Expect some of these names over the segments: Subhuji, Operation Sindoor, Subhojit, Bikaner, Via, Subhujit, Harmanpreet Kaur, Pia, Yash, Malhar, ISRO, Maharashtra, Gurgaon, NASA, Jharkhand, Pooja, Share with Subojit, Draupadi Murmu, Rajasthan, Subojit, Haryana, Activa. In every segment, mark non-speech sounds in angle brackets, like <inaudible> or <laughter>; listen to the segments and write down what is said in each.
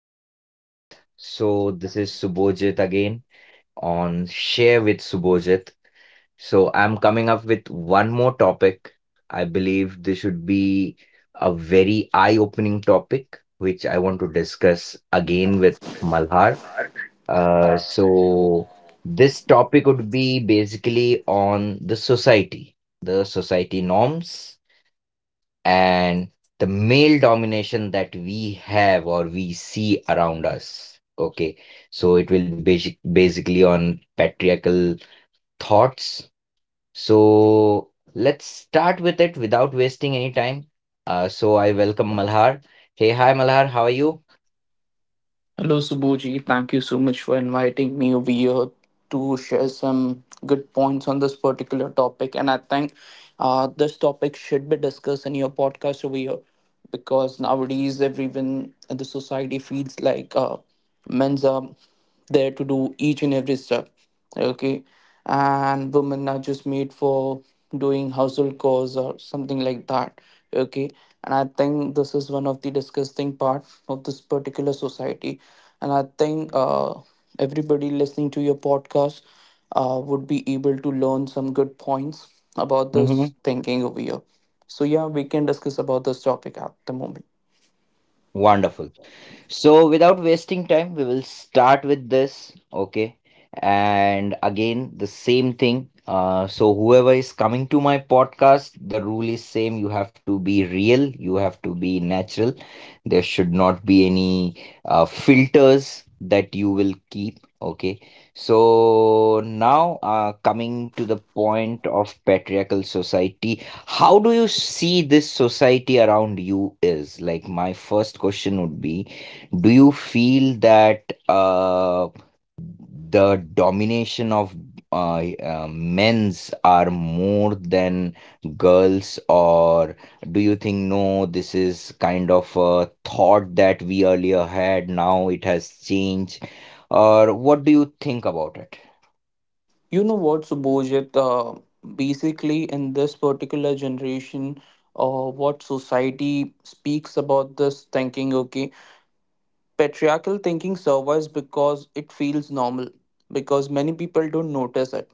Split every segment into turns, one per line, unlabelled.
beautiful audience. So, this is Subojit again on Share with Subojit. So, I'm coming up with one more topic. I believe this should be a very eye-opening topic, which I want to discuss again with Malhar. Uh, so, this topic would be basically on the society norms and the male domination that we have or we see around us. Okay, so it will be basically on patriarchal thoughts. So let's start with it without wasting any time. So I welcome Malhar. Hey, hi Malhar, how are you?
Hello, Subhuji. Thank you so much for inviting me over here to share some good points on this particular topic. And I think this topic should be discussed in your podcast over here because nowadays everyone in the society feels like men's are there to do each and every step, okay, and women are just made for doing household chores or something like that, okay. And I think this is one of the disgusting part of this particular society. And I think everybody listening to your podcast would be able to learn some good points about this thinking over here. So yeah, we can discuss about this topic at the moment.
Wonderful. So, without wasting time, we will start with this. Okay. And again, the same thing. Whoever is coming to my podcast, the rule is same. You have to be real. You have to be natural. There should not be any filters that you will keep. Okay. So, now coming to the point of patriarchal society, how do you see this society around you, is like my first question would be, do you feel that uh, the domination of men's are more than girls, or do you think no, this is kind of a thought that we earlier had, now it has changed, or what do you think about it?
You know what, Subhojit? Basically, in this particular generation, what society speaks about this thinking, okay, patriarchal thinking survives because it feels normal, because many people don't notice it,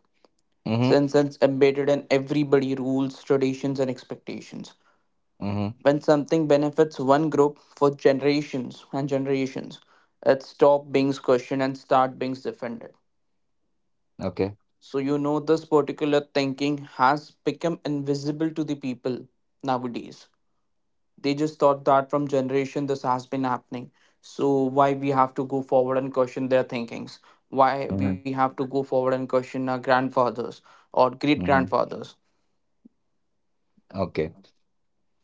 Mm-hmm.
since it's embedded in everybody rules, traditions, and expectations.
Mm-hmm.
When something benefits one group for generations and generations, it stops being questioned and start being defended.
Okay.
So, you know, this particular thinking has become invisible to the people nowadays. They just thought that from generation this has been happening. So, why we have to go forward and question their thinkings? Why we
Mm-hmm.
have to go forward and question our grandfathers or great
Mm-hmm.
grandfathers?
Okay.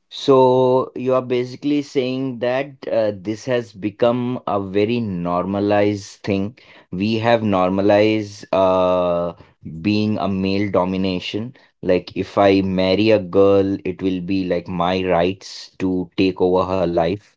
So you are basically saying that this has become a very normalized thing. We have normalized being a male domination. Like if I marry a girl, it will be like my rights to take over her life.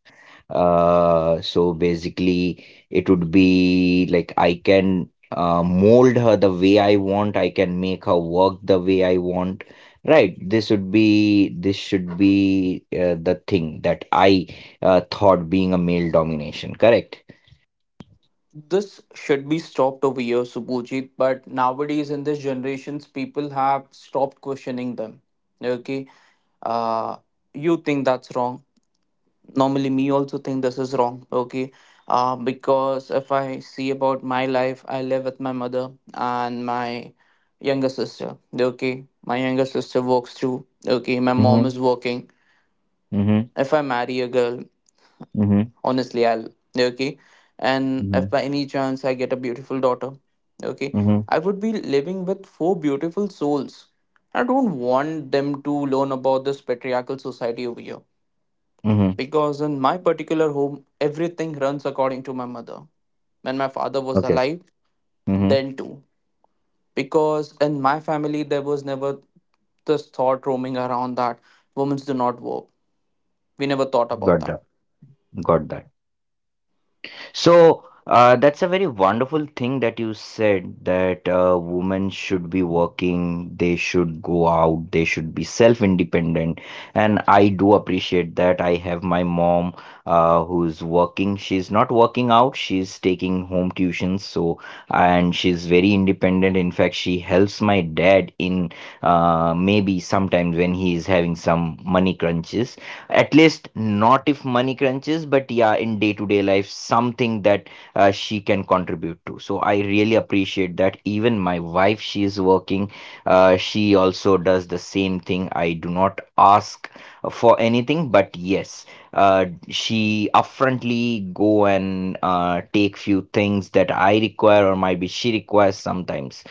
So basically, it would be like I can mold her the way I want. I can make her work the way I want. Right, this should be the thing that I thought being a male domination, correct?
This should be stopped over here, Subhujit, but nowadays in this generations, people have stopped questioning them. Okay, uh, you think that's wrong. Normally me also think this is wrong, okay. Because if I see about my life, I live with my mother and my younger sister, okay. My younger sister works too, okay. My mom
Mm-hmm.
is working.
Mm-hmm.
If I marry a girl,
Mm-hmm.
honestly i'll, okay, and if
Mm-hmm.
by any chance I get a beautiful daughter, okay,
Mm-hmm.
I would be living with four beautiful souls. I don't want them to learn about this patriarchal society over here,
Mm-hmm.
because in my particular home, everything runs according to my mother. When my father was
Okay.
alive,
Mm-hmm.
then too. Because in my family, there was never this thought roaming around that women do not work. We never thought about
Got
that.
that. Got that. So that's a very wonderful thing that you said, that women should be working, they should go out, they should be self-independent. And I do appreciate that. I have my mom who's working. She's not working out, she's taking home tuitions. So, and she's very independent. In fact, she helps my dad in maybe sometimes when he is having some money crunches, at least not if money crunches, but yeah, in day to day life, something that she can contribute to. So I really appreciate that. Even my wife, she is working, she also does the same thing. I do not ask for anything, but yes, uh, she upfrontly go and take few things that I require, or maybe she requires sometimes.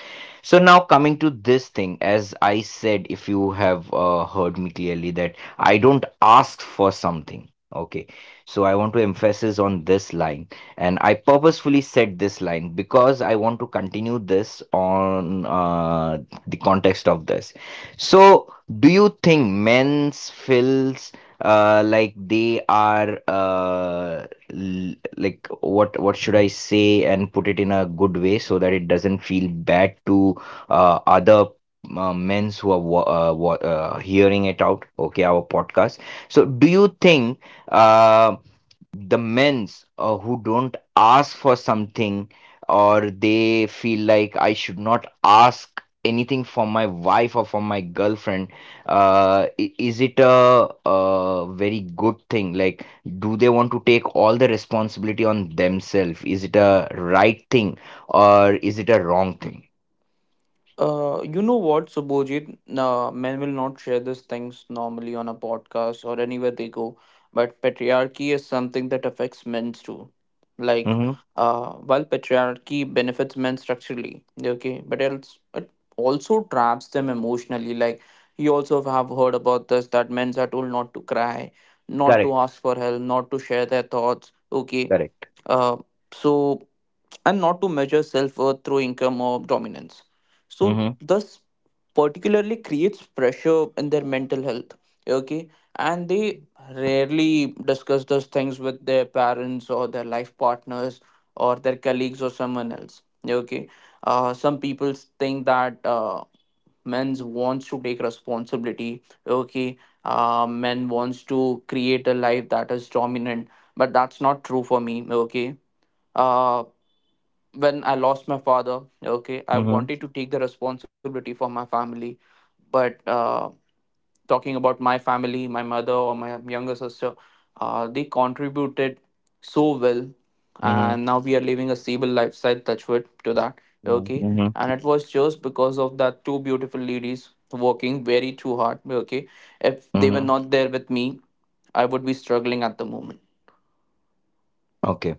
So now coming to this thing, as I said, if you have heard me clearly, that I don't ask for something. Okay. So I want to emphasize on this line. And I purposefully said this line because I want to continue this on the context of this. So, do you think men's feels like they are like, what should I say and put it in a good way so that it doesn't feel bad to other men's who are hearing it out, okay, our podcast. So, do you think uh, the men's who don't ask for something, or they feel like I should not ask anything from my wife or from my girlfriend, is it a very good thing? Like, do they want to take all the responsibility on themselves? Is it a right thing or is it a wrong thing?
You know what, Subhojit? Men will not share these things normally on a podcast or anywhere they go, but patriarchy is something that affects men too. Like,
Mm-hmm.
while patriarchy benefits men structurally, okay, but it also traps them emotionally. Like, you also have heard about this that men are told not to cry, not to
Correct,
ask for help, not to share their thoughts, okay.
correct.
Uh, so and not to measure self worth through income or dominance. So,
Mm-hmm.
thus, particularly creates pressure in their mental health. Okay, and they rarely discuss those things with their parents or their life partners or their colleagues or someone else. Okay, some people think that men wants to take responsibility. Okay, men wants to create a life that is dominant, but that's not true for me. Okay. Uh, when I lost my father, okay, I
Mhm,
wanted to take the responsibility for my family, but talking about my family, my mother or my younger sister, they contributed so well,
mhm,
and now we are living a stable lifestyle. Touchwood to that,
Yan.
okay,
Mhm,
and it was just because of that two beautiful ladies working very too hard, okay. If they were
mhm.
not there with me, I would be struggling at the moment.
Okey.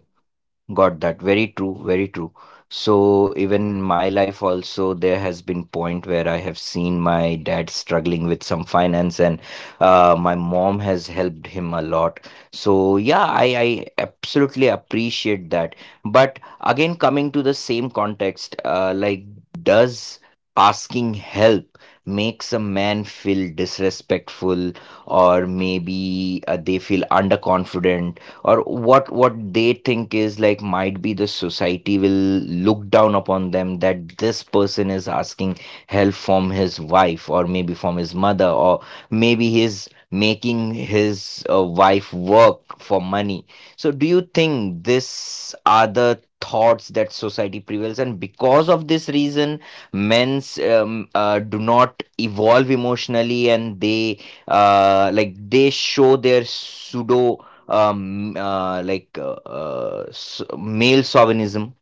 Got that. Very true, very true. So even my life also, there has been point where I have seen my dad struggling with some finance and my mom has helped him a lot. So yeah, I absolutely appreciate that. But again, coming to the same context, like, does asking help makes a man feel disrespectful or maybe they feel underconfident? Or what they think is like, might be the society will look down upon them that this person is asking help from his wife, or maybe from his mother, or maybe he's making his wife work for money. So do you think this are the thoughts that society prevails, and because of this reason men's do not evolve emotionally and they like they show their pseudo like male chauvinism.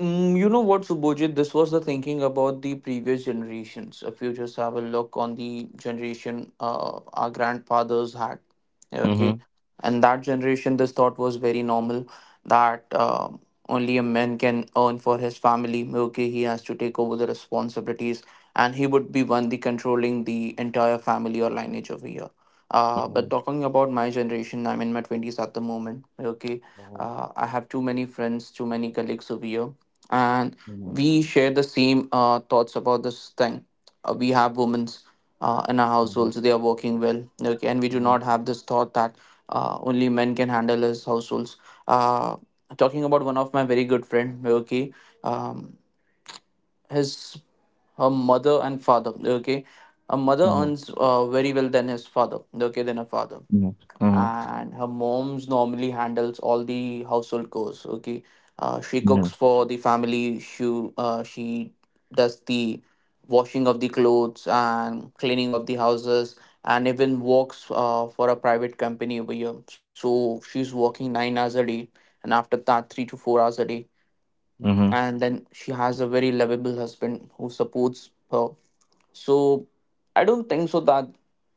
Mm, you know what, Subhojit? This was the thinking about the previous generations. If you just have a look on the generation our grandfathers had,
Mm-hmm.
okay, and that generation, this thought was very normal that only a man can earn for his family. Okay, he has to take over the responsibilities, and he would be one the controlling the entire family or lineage over here.
Mm-hmm.
But talking about my generation, I'm in my 20s at the moment. Okay, I have too many friends, too many colleagues over here, and
Mm-hmm.
we share the same thoughts about this thing. We have women in our
Mm-hmm.
households; they are working well, okay, and we do not have this thought that only men can handle his households. Uh, Talking about one of my very good friend, okay, um, his her mother and father, okay. Her mother
Mm-hmm.
earns very well than his father, okay, than her father,
Mm-hmm.
and her mom's normally handles all the household chores, okay. She
Mm-hmm.
cooks for the family. She does the washing of the clothes and cleaning of the houses, and even works for a private company over here. So she's working 9 hours a day, and after that 3 to 4 hours a day,
Mm-hmm.
and then she has a very lovable husband who supports her. So I don't think so that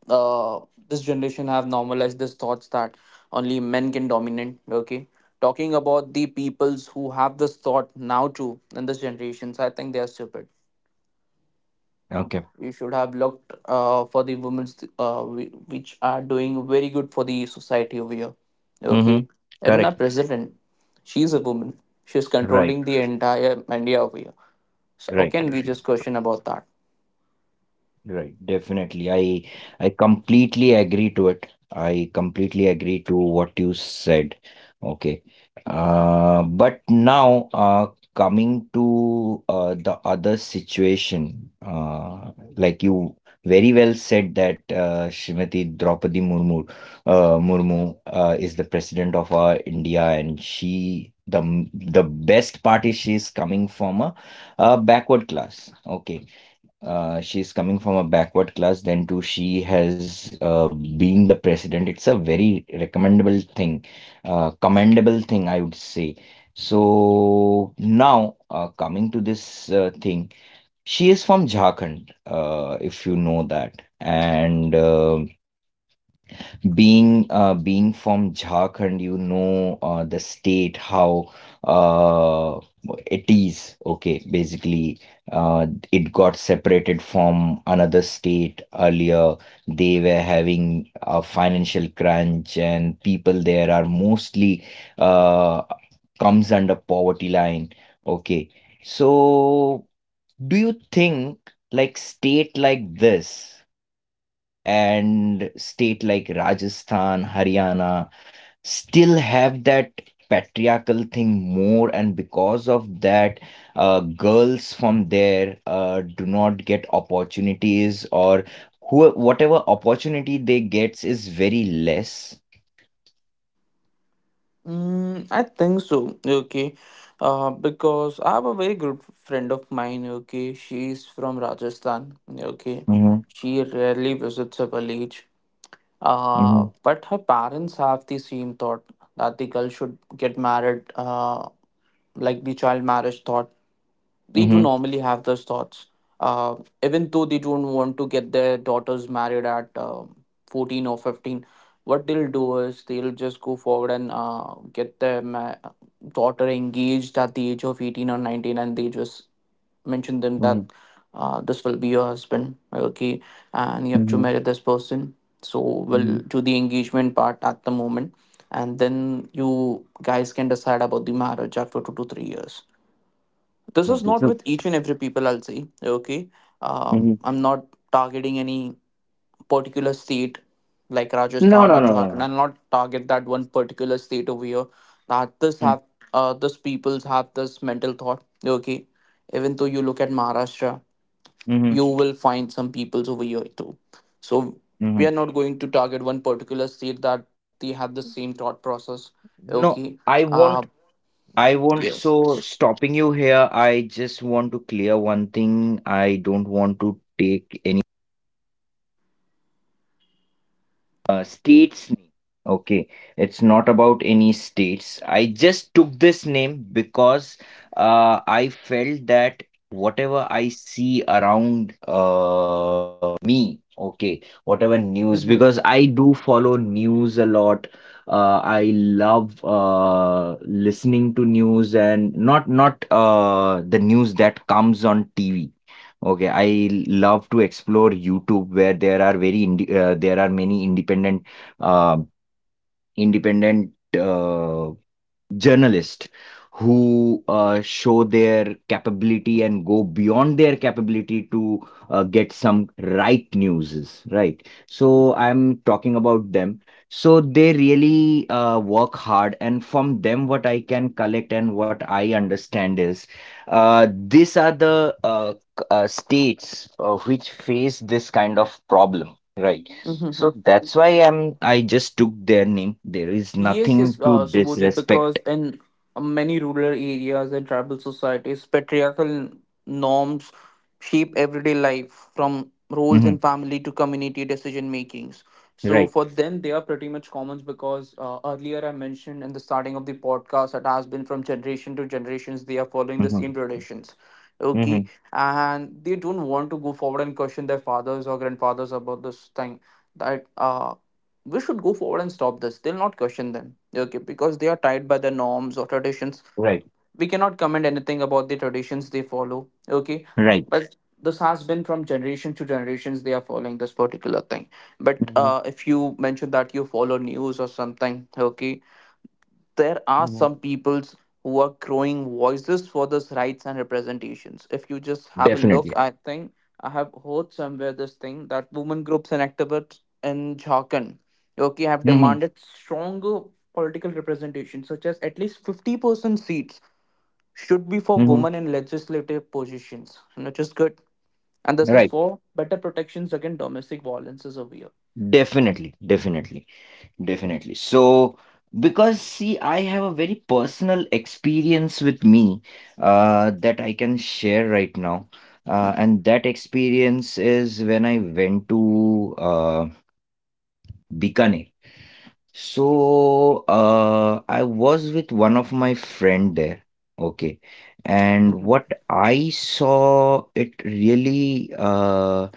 uh, this generation have normalized this thoughts that only men can dominate. Okay, talking about the peoples who have this thought now too in this generations, I think they are stupid.
Okay.
You should have looked for the women which are doing very good for the society over here.
Mm-hmm.
Okay, even our
Correct.
president, she's a woman. She's
Right.
controlling the entire India over here. So how
Right.
can
Right.
we just question about that?
Right, definitely. I completely agree to it. I completely agree to what you said. Okay. But now coming to the other situation, like you very well said that Shrimati Draupadi Murmu, Murmu is the president of our India, and she, the best part is she's coming from a backward class. Okay, she's coming from a backward class, then too, she has been the president. It's a very recommendable thing, commendable thing, I would say. So now, coming to this thing, she is from Jharkhand, if you know that. And being from Jharkhand, you know the state how uh, it is. Okay, basically, uh, it got separated from another state earlier. They were having a financial crunch, and people there are mostly uh, comes under poverty line. Okay, so do you think, like state like this? And state like Rajasthan, Haryana still have that patriarchal thing more, and because of that, girls from there do not get opportunities, or who whatever opportunity they gets is very less.
Mm, I think so. Okay. Because I have a very good friend of mine. Okay. She's from Rajasthan. Okay.
Mm-hmm.
She rarely visits her village,
Mm-hmm.
but her parents have the same thought that the girl should get married, like the child marriage thought. They do
Hmm.
normally have those thoughts, uh, even though they don't want to get their daughters married at 14 or 15. What they'll do is they'll just go forward and get their daughter engaged at the age of 18 or 19, and they just mention them
Mm-hmm.
that this will be your husband, okay, and you have to
Mm-hmm.
marry this person. So
Mm-hmm.
we'll do the engagement part at the moment, and then you guys can decide about the marriage after 2 to 3 years. This is
Okay.
not
So.
with each and every people I'll say, okay.
Hmm.
I'm not targeting any particular state like
No,
Rajasthan or
no, no, no,
Jharkhand. I
no.
and not target that one particular state over here, that this have this peoples have this mental thought, okay. Even though you look at Maharashtra,
Mm-hmm.
you will find some peoples over here too. So we
Mm-hmm.
are not going to target one particular state that they have the same thought process.
No,
Okay.
I
Uh,
want, I won't,
yes.
so stopping you here, I just want to clear one thing. I don't want to take state's name. Okay, it's not about any states. I just took this name because I felt that whatever I see around me, okay, whatever news, because I do follow news a lot. I love listening to news, and not the news that comes on TV. Okay, I love to explore YouTube, where there are very indi there are many independent uh, independent uh, journalists who show their capability and go beyond their capability to get some right news, right? So I'm talking about them. So they really work hard, and from them what I can collect and what I understand is these are the states which face this kind of problem, right?
Mm-hmm.
So that's why I just took their name. There is
Yes,
nothing
yes,
to
Subhojit,
disrespect.
because in many rural areas and tribal societies, patriarchal norms shape everyday life from roles in
Mhm.
family to community decision makings. So
Right.
for them, they are pretty much commons because earlier I mentioned in the starting of the podcast that has been from generation to generations, they are following the
Mhm.
same traditions. Okay,
Mhm.
and they don't want to go forward and question their fathers or grandfathers about this thing that we should go forward and stop this. They'll not question them, okay, because they are tied by the norms or traditions.
Right.
We cannot comment anything about the traditions they follow, okay,
Right.
but this has been from generation to generations they are following this particular thing. But
Mhm.
if you mention that you follow news or something, okay, there are
Mhm.
some peoples who are growing voices for this rights and representations. If you just have a look,
Definitely.
I think I have heard somewhere this thing that women groups and activists in Jharkhand, okay, have
Mhm.
demanded stronger political representation, such as at least 50% seats should be for
Mhm.
women in legislative positions, which is good. And this is
Right.
for better protections against domestic violence is over here.
Definitely. Definitely. Definitely. So, because see, I have a very personal experience with me that I can share right now.
Mm-hmm.
And that experience is when I went to Bikaner. So, I was with one of my friend there. Okay. And
Mm-hmm.
what I saw, it really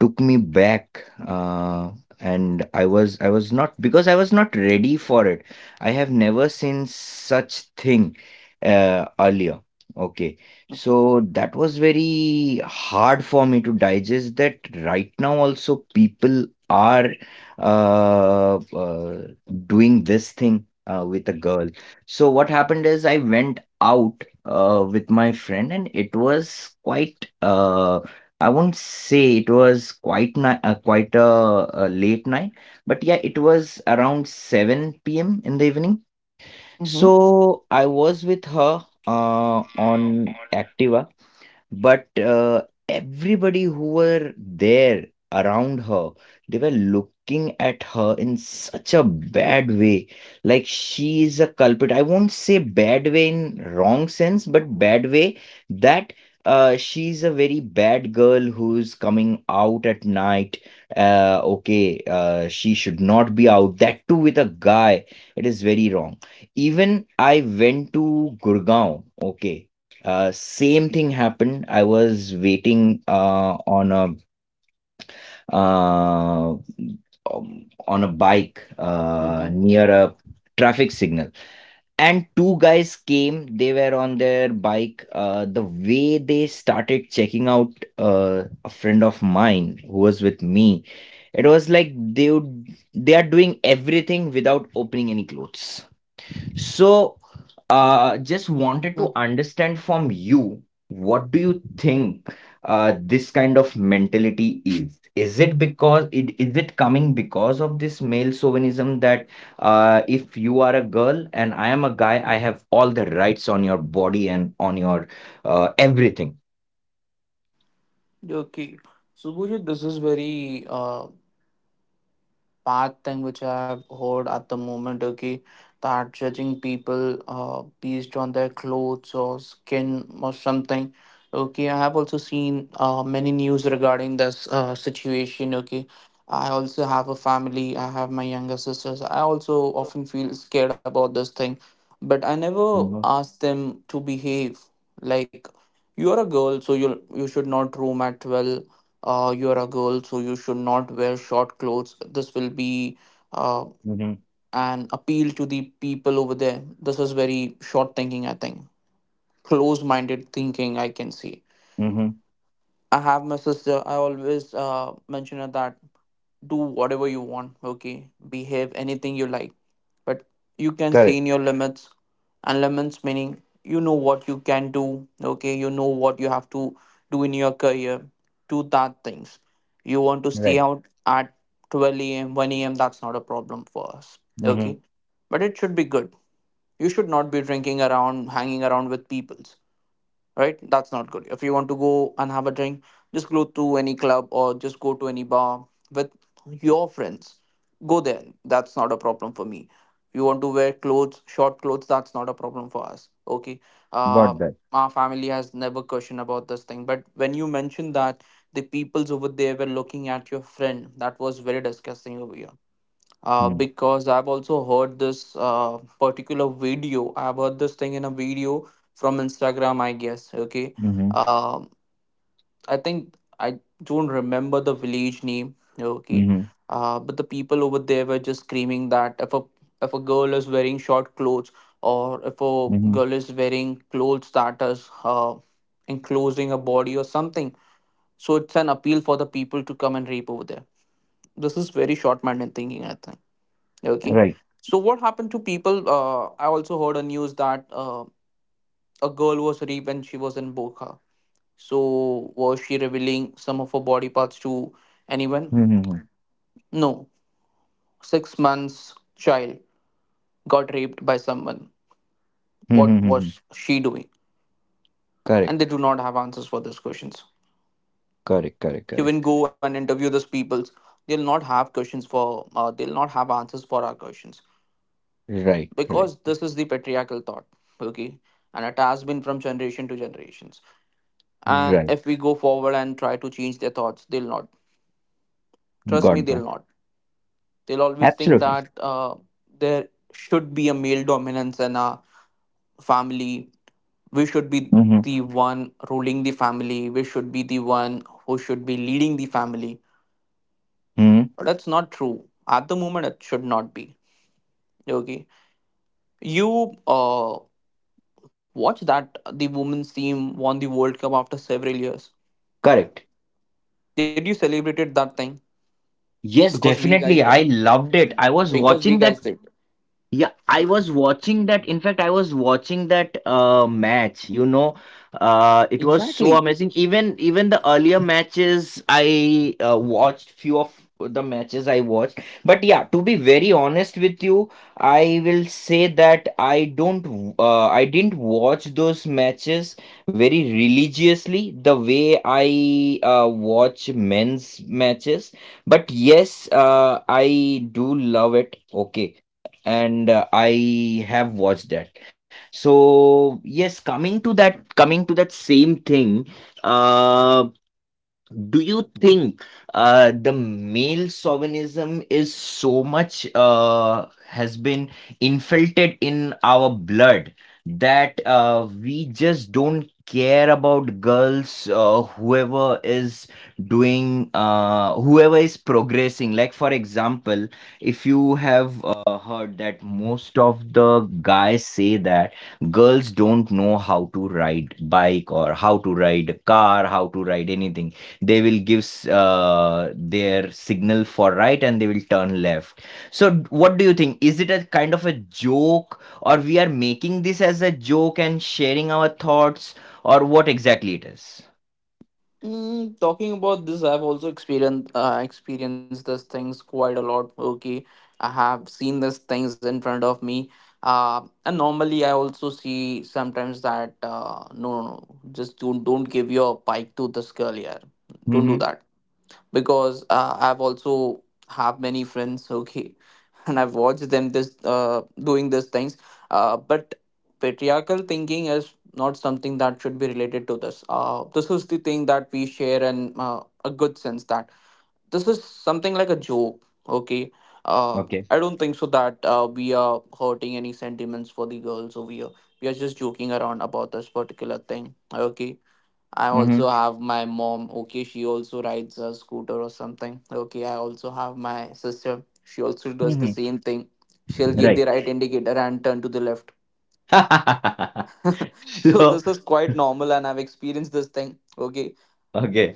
took me back, and I was not, because I was not ready for it. I have never seen such thing earlier. Okay,
Mm-hmm.
so that was very hard for me to digest, that right now also people are uh, uh, doing this thing with a girl. So what happened is I went out with my friend, and it was quite I won't say it was quite a late night, but yeah, it was around 7 p.m. in the evening.
Mm-hmm.
So I was with her on Activa, but everybody who were there around her, they were looking at her in such a bad way. Like she is a culprit. I won't say bad way in wrong sense, but bad way, that she's a very bad girl who's coming out at night. Okay, she should not be out. That too with a guy. It is very wrong. Even I went to Gurgaon, okay, same thing happened. I was waiting on a bike
Mm-hmm.
near a traffic signal, and two guys came. They were on their bike. The way they started checking out a friend of mine who was with me, it was like they would, they are doing everything without opening any clothes. So, just wanted to
Mm-hmm.
understand from you, what do you think this kind of mentality is? Is it because, it coming because of this male chauvinism, that if you are a girl and I am a guy, I have all the rights on your body and on your everything.
Okay. So, Pooja, this is very bad thing which I have heard at the moment, okay, that judging people based on their clothes or skin or something. Okay, I have also seen many news regarding this situation, okay. I also have a family, I have my younger sisters. I also often feel scared about this thing, but I never
Mm-hmm.
ask them to behave like you're a girl, so you should not roam at 12, you are a girl, so you should not wear short clothes. This will be uh,
Mm-hmm.
an appeal to the people over there. This is very short thinking, I think. Closed minded thinking, I can see.
Mm-hmm.
I have my sister, I always mention her that do whatever you want, okay? Behave anything you like. But you can see in
Correct.
your limits, and limits meaning you know what you can do, okay? You know what you have to do in your career. Do that things. You want to stay
Right.
out at 12 a.m., 1 a.m., that's not a problem for us,
Mm-hmm.
okay? But it should be good. You should not be drinking around, hanging around with people, right? That's not good. If you want to go and have a drink, just go to any club or just go to any bar with your friends. Go there. That's not a problem for me. You want to wear clothes, short clothes, that's not a problem for us. Okay. Uh,
Got that.
our family has never questioned about this thing. But when you mentioned that the peoples over there were looking at your friend, that was very disgusting over here, because I've also heard this particular video. I've heard this thing in a video from Instagram, I guess. Okay.
Mm-hmm.
Um I think I don't remember the village name. Okay.
Mm-hmm.
But the people over there were just screaming that if a girl is wearing short clothes, or if a
Mm-hmm.
girl is wearing clothes that is enclosing a body or something, so it's an appeal for the people to come and rape over there. This is very short-minded thinking, I think. Okay.
Right.
So what happened to people? I also heard a news that a girl was raped when she was in burqa. So was she revealing some of her body parts to anyone?
Mm-hmm.
No. 6 months child got raped by someone. What
Mm-hmm.
was she doing?
Correct.
And they do not have answers for those questions.
Correct, correct,
You
correct.
can go and interview those people. They'll not have questions for. They'll not have answers for our questions,
Right, right,
because this is the patriarchal thought. Okay, and it has been from generation to generation. And
right.
if we go forward and try to change their thoughts, they'll not, trust me,
Got that.
they'll not, they'll always think
Absolutely.
that there should be a male dominance in a family. We should be
Mm-hmm.
the one ruling the family, we should be the one who should be leading the family,
Hmm.
but that's not true at the moment. It should not be. Okay. You watch that the women's team won the world cup after several years.
Correct.
Did you celebrated that thing?
Yes,
Because we guys
definitely.
did.
I loved it. I was
because we
watching
guys
that.
did
Yeah, I was watching that. In fact, I was watching that match. It was so
exactly.
amazing. Even the earlier matches, I watched few of the matches I watched. But yeah, to be very honest with you, I will say that I don't. W- I didn't watch those matches very religiously the way I watch men's matches. But yes, I do love it. Okay, and I have watched that. So yes, coming to that same thing. Uh, do you think the male chauvinism is so much has been infiltrated in our blood that we just don't care about girls, whoever is doing, whoever is progressing? Like, for example, if you have heard that most of the guys say that girls don't know how to ride bike or how to ride a car, how to ride anything, they will gives their signal for right and they will turn left. So what do you think, is it a kind of a joke, or we are making this as a joke and sharing our thoughts, or what exactly it is?
Mm, talking about this, I've also experienced these things quite a lot. Okay, I have seen these things in front of me. And normally I also see sometimes that no, no, no, just don't give your bike to this girl here. Don't do
Mm-hmm.
that, because I've also have many friends. Okay, and I've watched them this doing these things. But patriarchal thinking is not something that should be related to this. This is the thing that we share in a good sense that this is something like a joke. Okay, uh,
Okay.
I don't think so that we are hurting any sentiments for the girls over here. We are just joking around about this particular thing. Okay, I
Mm-hmm.
also have my mom. Okay, she also rides a scooter or something. Okay, I also have my sister. She also does the
Mm-hmm.
same thing. She'll give
Right.
the right indicator and turn to the left.
<laughs>
<laughs> So
So,
this is quite normal, and I've experienced this thing. Okay.
okay.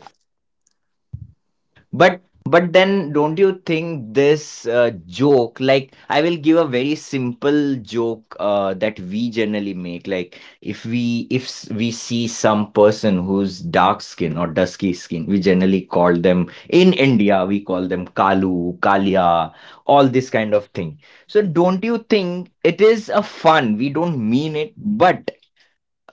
But but then don't you think this joke, like, I will give a very simple joke that we generally make, like if we if s- we see some person who's dark skin or dusky skin, we generally call them, in India we call them Kalu, Kalia, all this kind of thing. So don't you think it is a fun? We don't mean it, but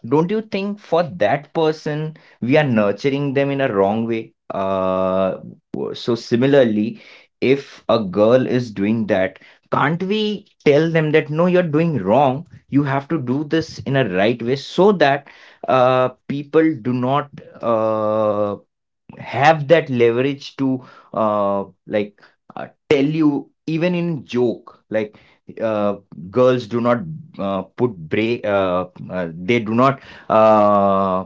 don't you think for that person we are nurturing them in a wrong way, so similarly, if a girl is doing that, can't we tell them that no, you're doing wrong, you have to do this in a right way, so that people do not uh have that leverage to uh, like tell you even in joke, like, uh, girls do not put break, they do not uh,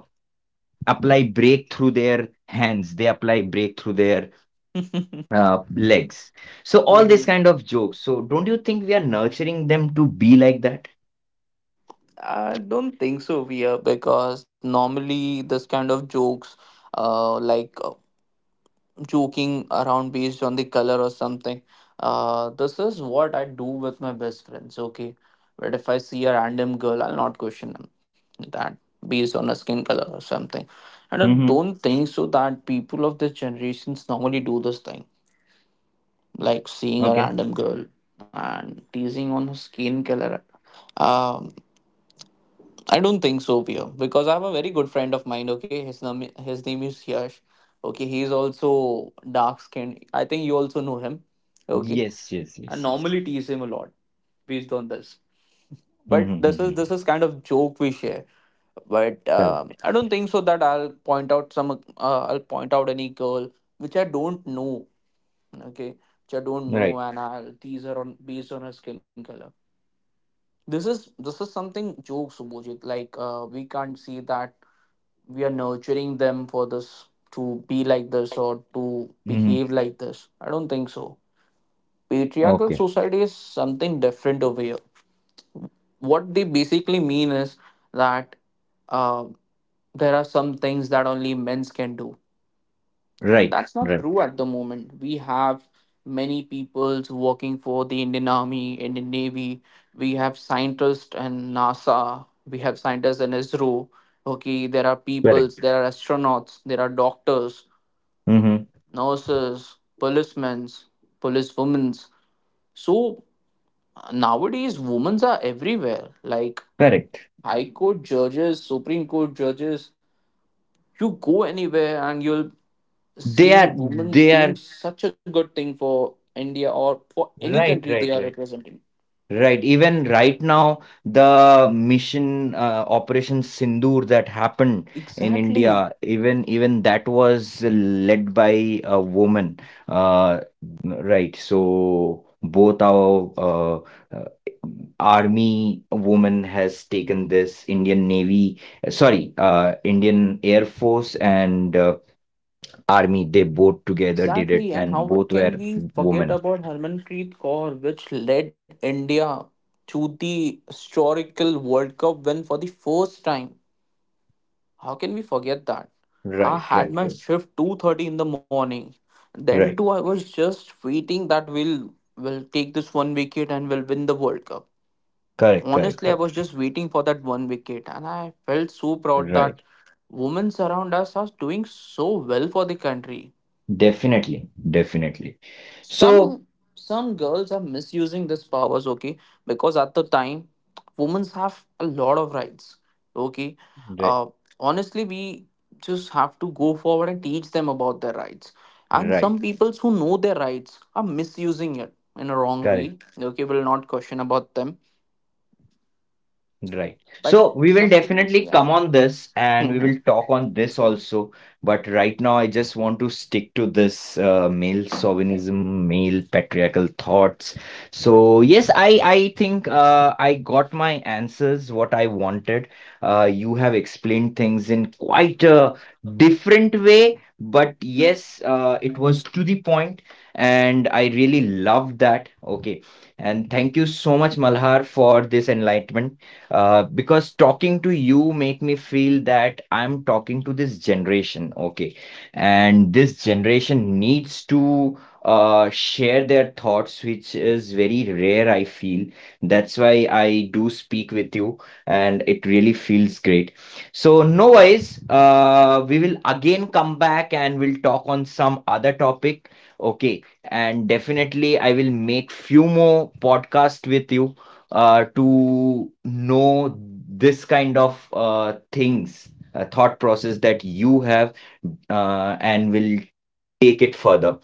apply brake through their hands, they apply brake through their
<laughs>
legs, so all
Hmm,
this kind of jokes. So don't you think we are nurturing them to be like that?
I don't think so, Via, because normally this kind of jokes, like joking around based on the color or something. This is what I do with my best friends, okay? But if I see a random girl, I'll not question them that based on her skin color or something. And I
Mm-hmm.
don't think so that people of this generations normally do this thing, like seeing a
Okay.
random girl and teasing on her skin color. Um, I don't think so, Pia, because I have a very good friend of mine. Okay, his name is Yash. Okay, he is also dark skinned. I think you also know him. Okay,
Yes, yes,
I
yes, yes.
normally tease him a lot based on this. But this is
Mm-hmm.
this is kind of joke we share. But
Correct.
I don't think so that I'll point out some. I'll point out any girl which I don't know. Okay, which I don't
Right.
know, and I'll tease her on based on her skin color. This is something jokes, Subhojit. Like we can't see that we are nurturing them for this to be like this or to
Mm-hmm.
behave like this. I don't think so. Patriarchal
Okay.
society is something different over here. What they basically mean is that uh, there are some things that only men can do, but
Right,
that's not
right.
true at the moment. We have many peoples working for the Indian Army, Indian Navy. We have scientists and NASA. We have scientists in ISRO. Okay, there are
Correct.
peoples, there are astronauts, there are doctors,
Hmm.
nurses, policemen, policewomen. So nowadays, women are everywhere. Like
Correct.
high court judges, supreme court judges. You go anywhere and you'll
They
see
are,
women
they are.
doing such a good thing for India or for any country
Right,
they
right,
are
right.
representing.
Right. Even right now, the mission Operation Sindoor that happened in India,
Exactly.
even that was led by a woman. Uh, right. So both our uh, army woman has taken this Indian Navy, sorry, Indian Air Force, and Army. They both together did it,
Exactly. And
and
how
both were
can we forget
women.
about Harmanpreet Kaur, which led India to the historical World Cup win for the first time? How can we forget that? I
Right,
had
right,
my
right.
shift 2:30 in the morning. Then
Right.
too I was just waiting that we'll will take this one wicket and we'll win the World Cup.
Correct, correct,
Honestly, I
correct.
was just waiting for that one wicket, and I felt so proud
Right.
that women around us are doing so well for the country.
Definitely, definitely. So,
some some girls are misusing these powers, okay, because at the time women have a lot of rights. Okay,
right,
uh, honestly we just have to go forward and teach them about their rights, and
right,
some peoples who know their rights are misusing it in a wrong
correct.
way. Okay, will not question about them,
Right. So
but
we will
some people,
definitely come
yeah.
on this and we will
Mhm.
talk on this also. But right now, I just want to stick to this male chauvinism, male patriarchal thoughts. So yes, I think I got my answers, what I wanted. You have explained things in quite a different way, but yes, it was to the point, and I really love that. Okay. And thank you so much, Malhar, for this enlightenment, because talking to you make me feel that I'm talking to this generation, okay? And this generation needs to share their thoughts, which is very rare, I feel. That's why I do speak with you, and it really feels great. So, no worries, we will again come back and we'll talk on some other topic, okay? And definitely, I will make few more podcast with you to know this kind of things, thought process that you have, and will take it further.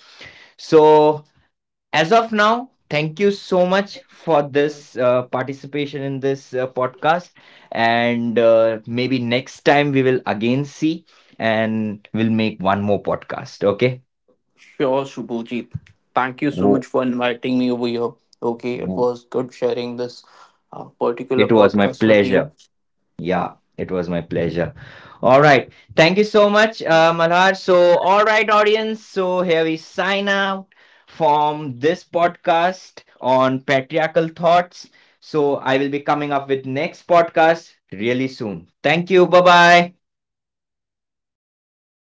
So, as of now, thank you so much for this participation in this podcast. And maybe next time we will again see and we'll make one more podcast. Okay.
Sure, Subhujit. Thank you so much
Wo-
for inviting me over here. Okay, it
wo-
was good sharing this particular
It was my
podcast with you.
pleasure. Yeah, it was my pleasure. All right. Thank you so much, Malhar. So, all right, audience. So, here we sign out from this podcast on patriarchal thoughts. So, I will be coming up with next podcast really soon. Thank you. Bye bye.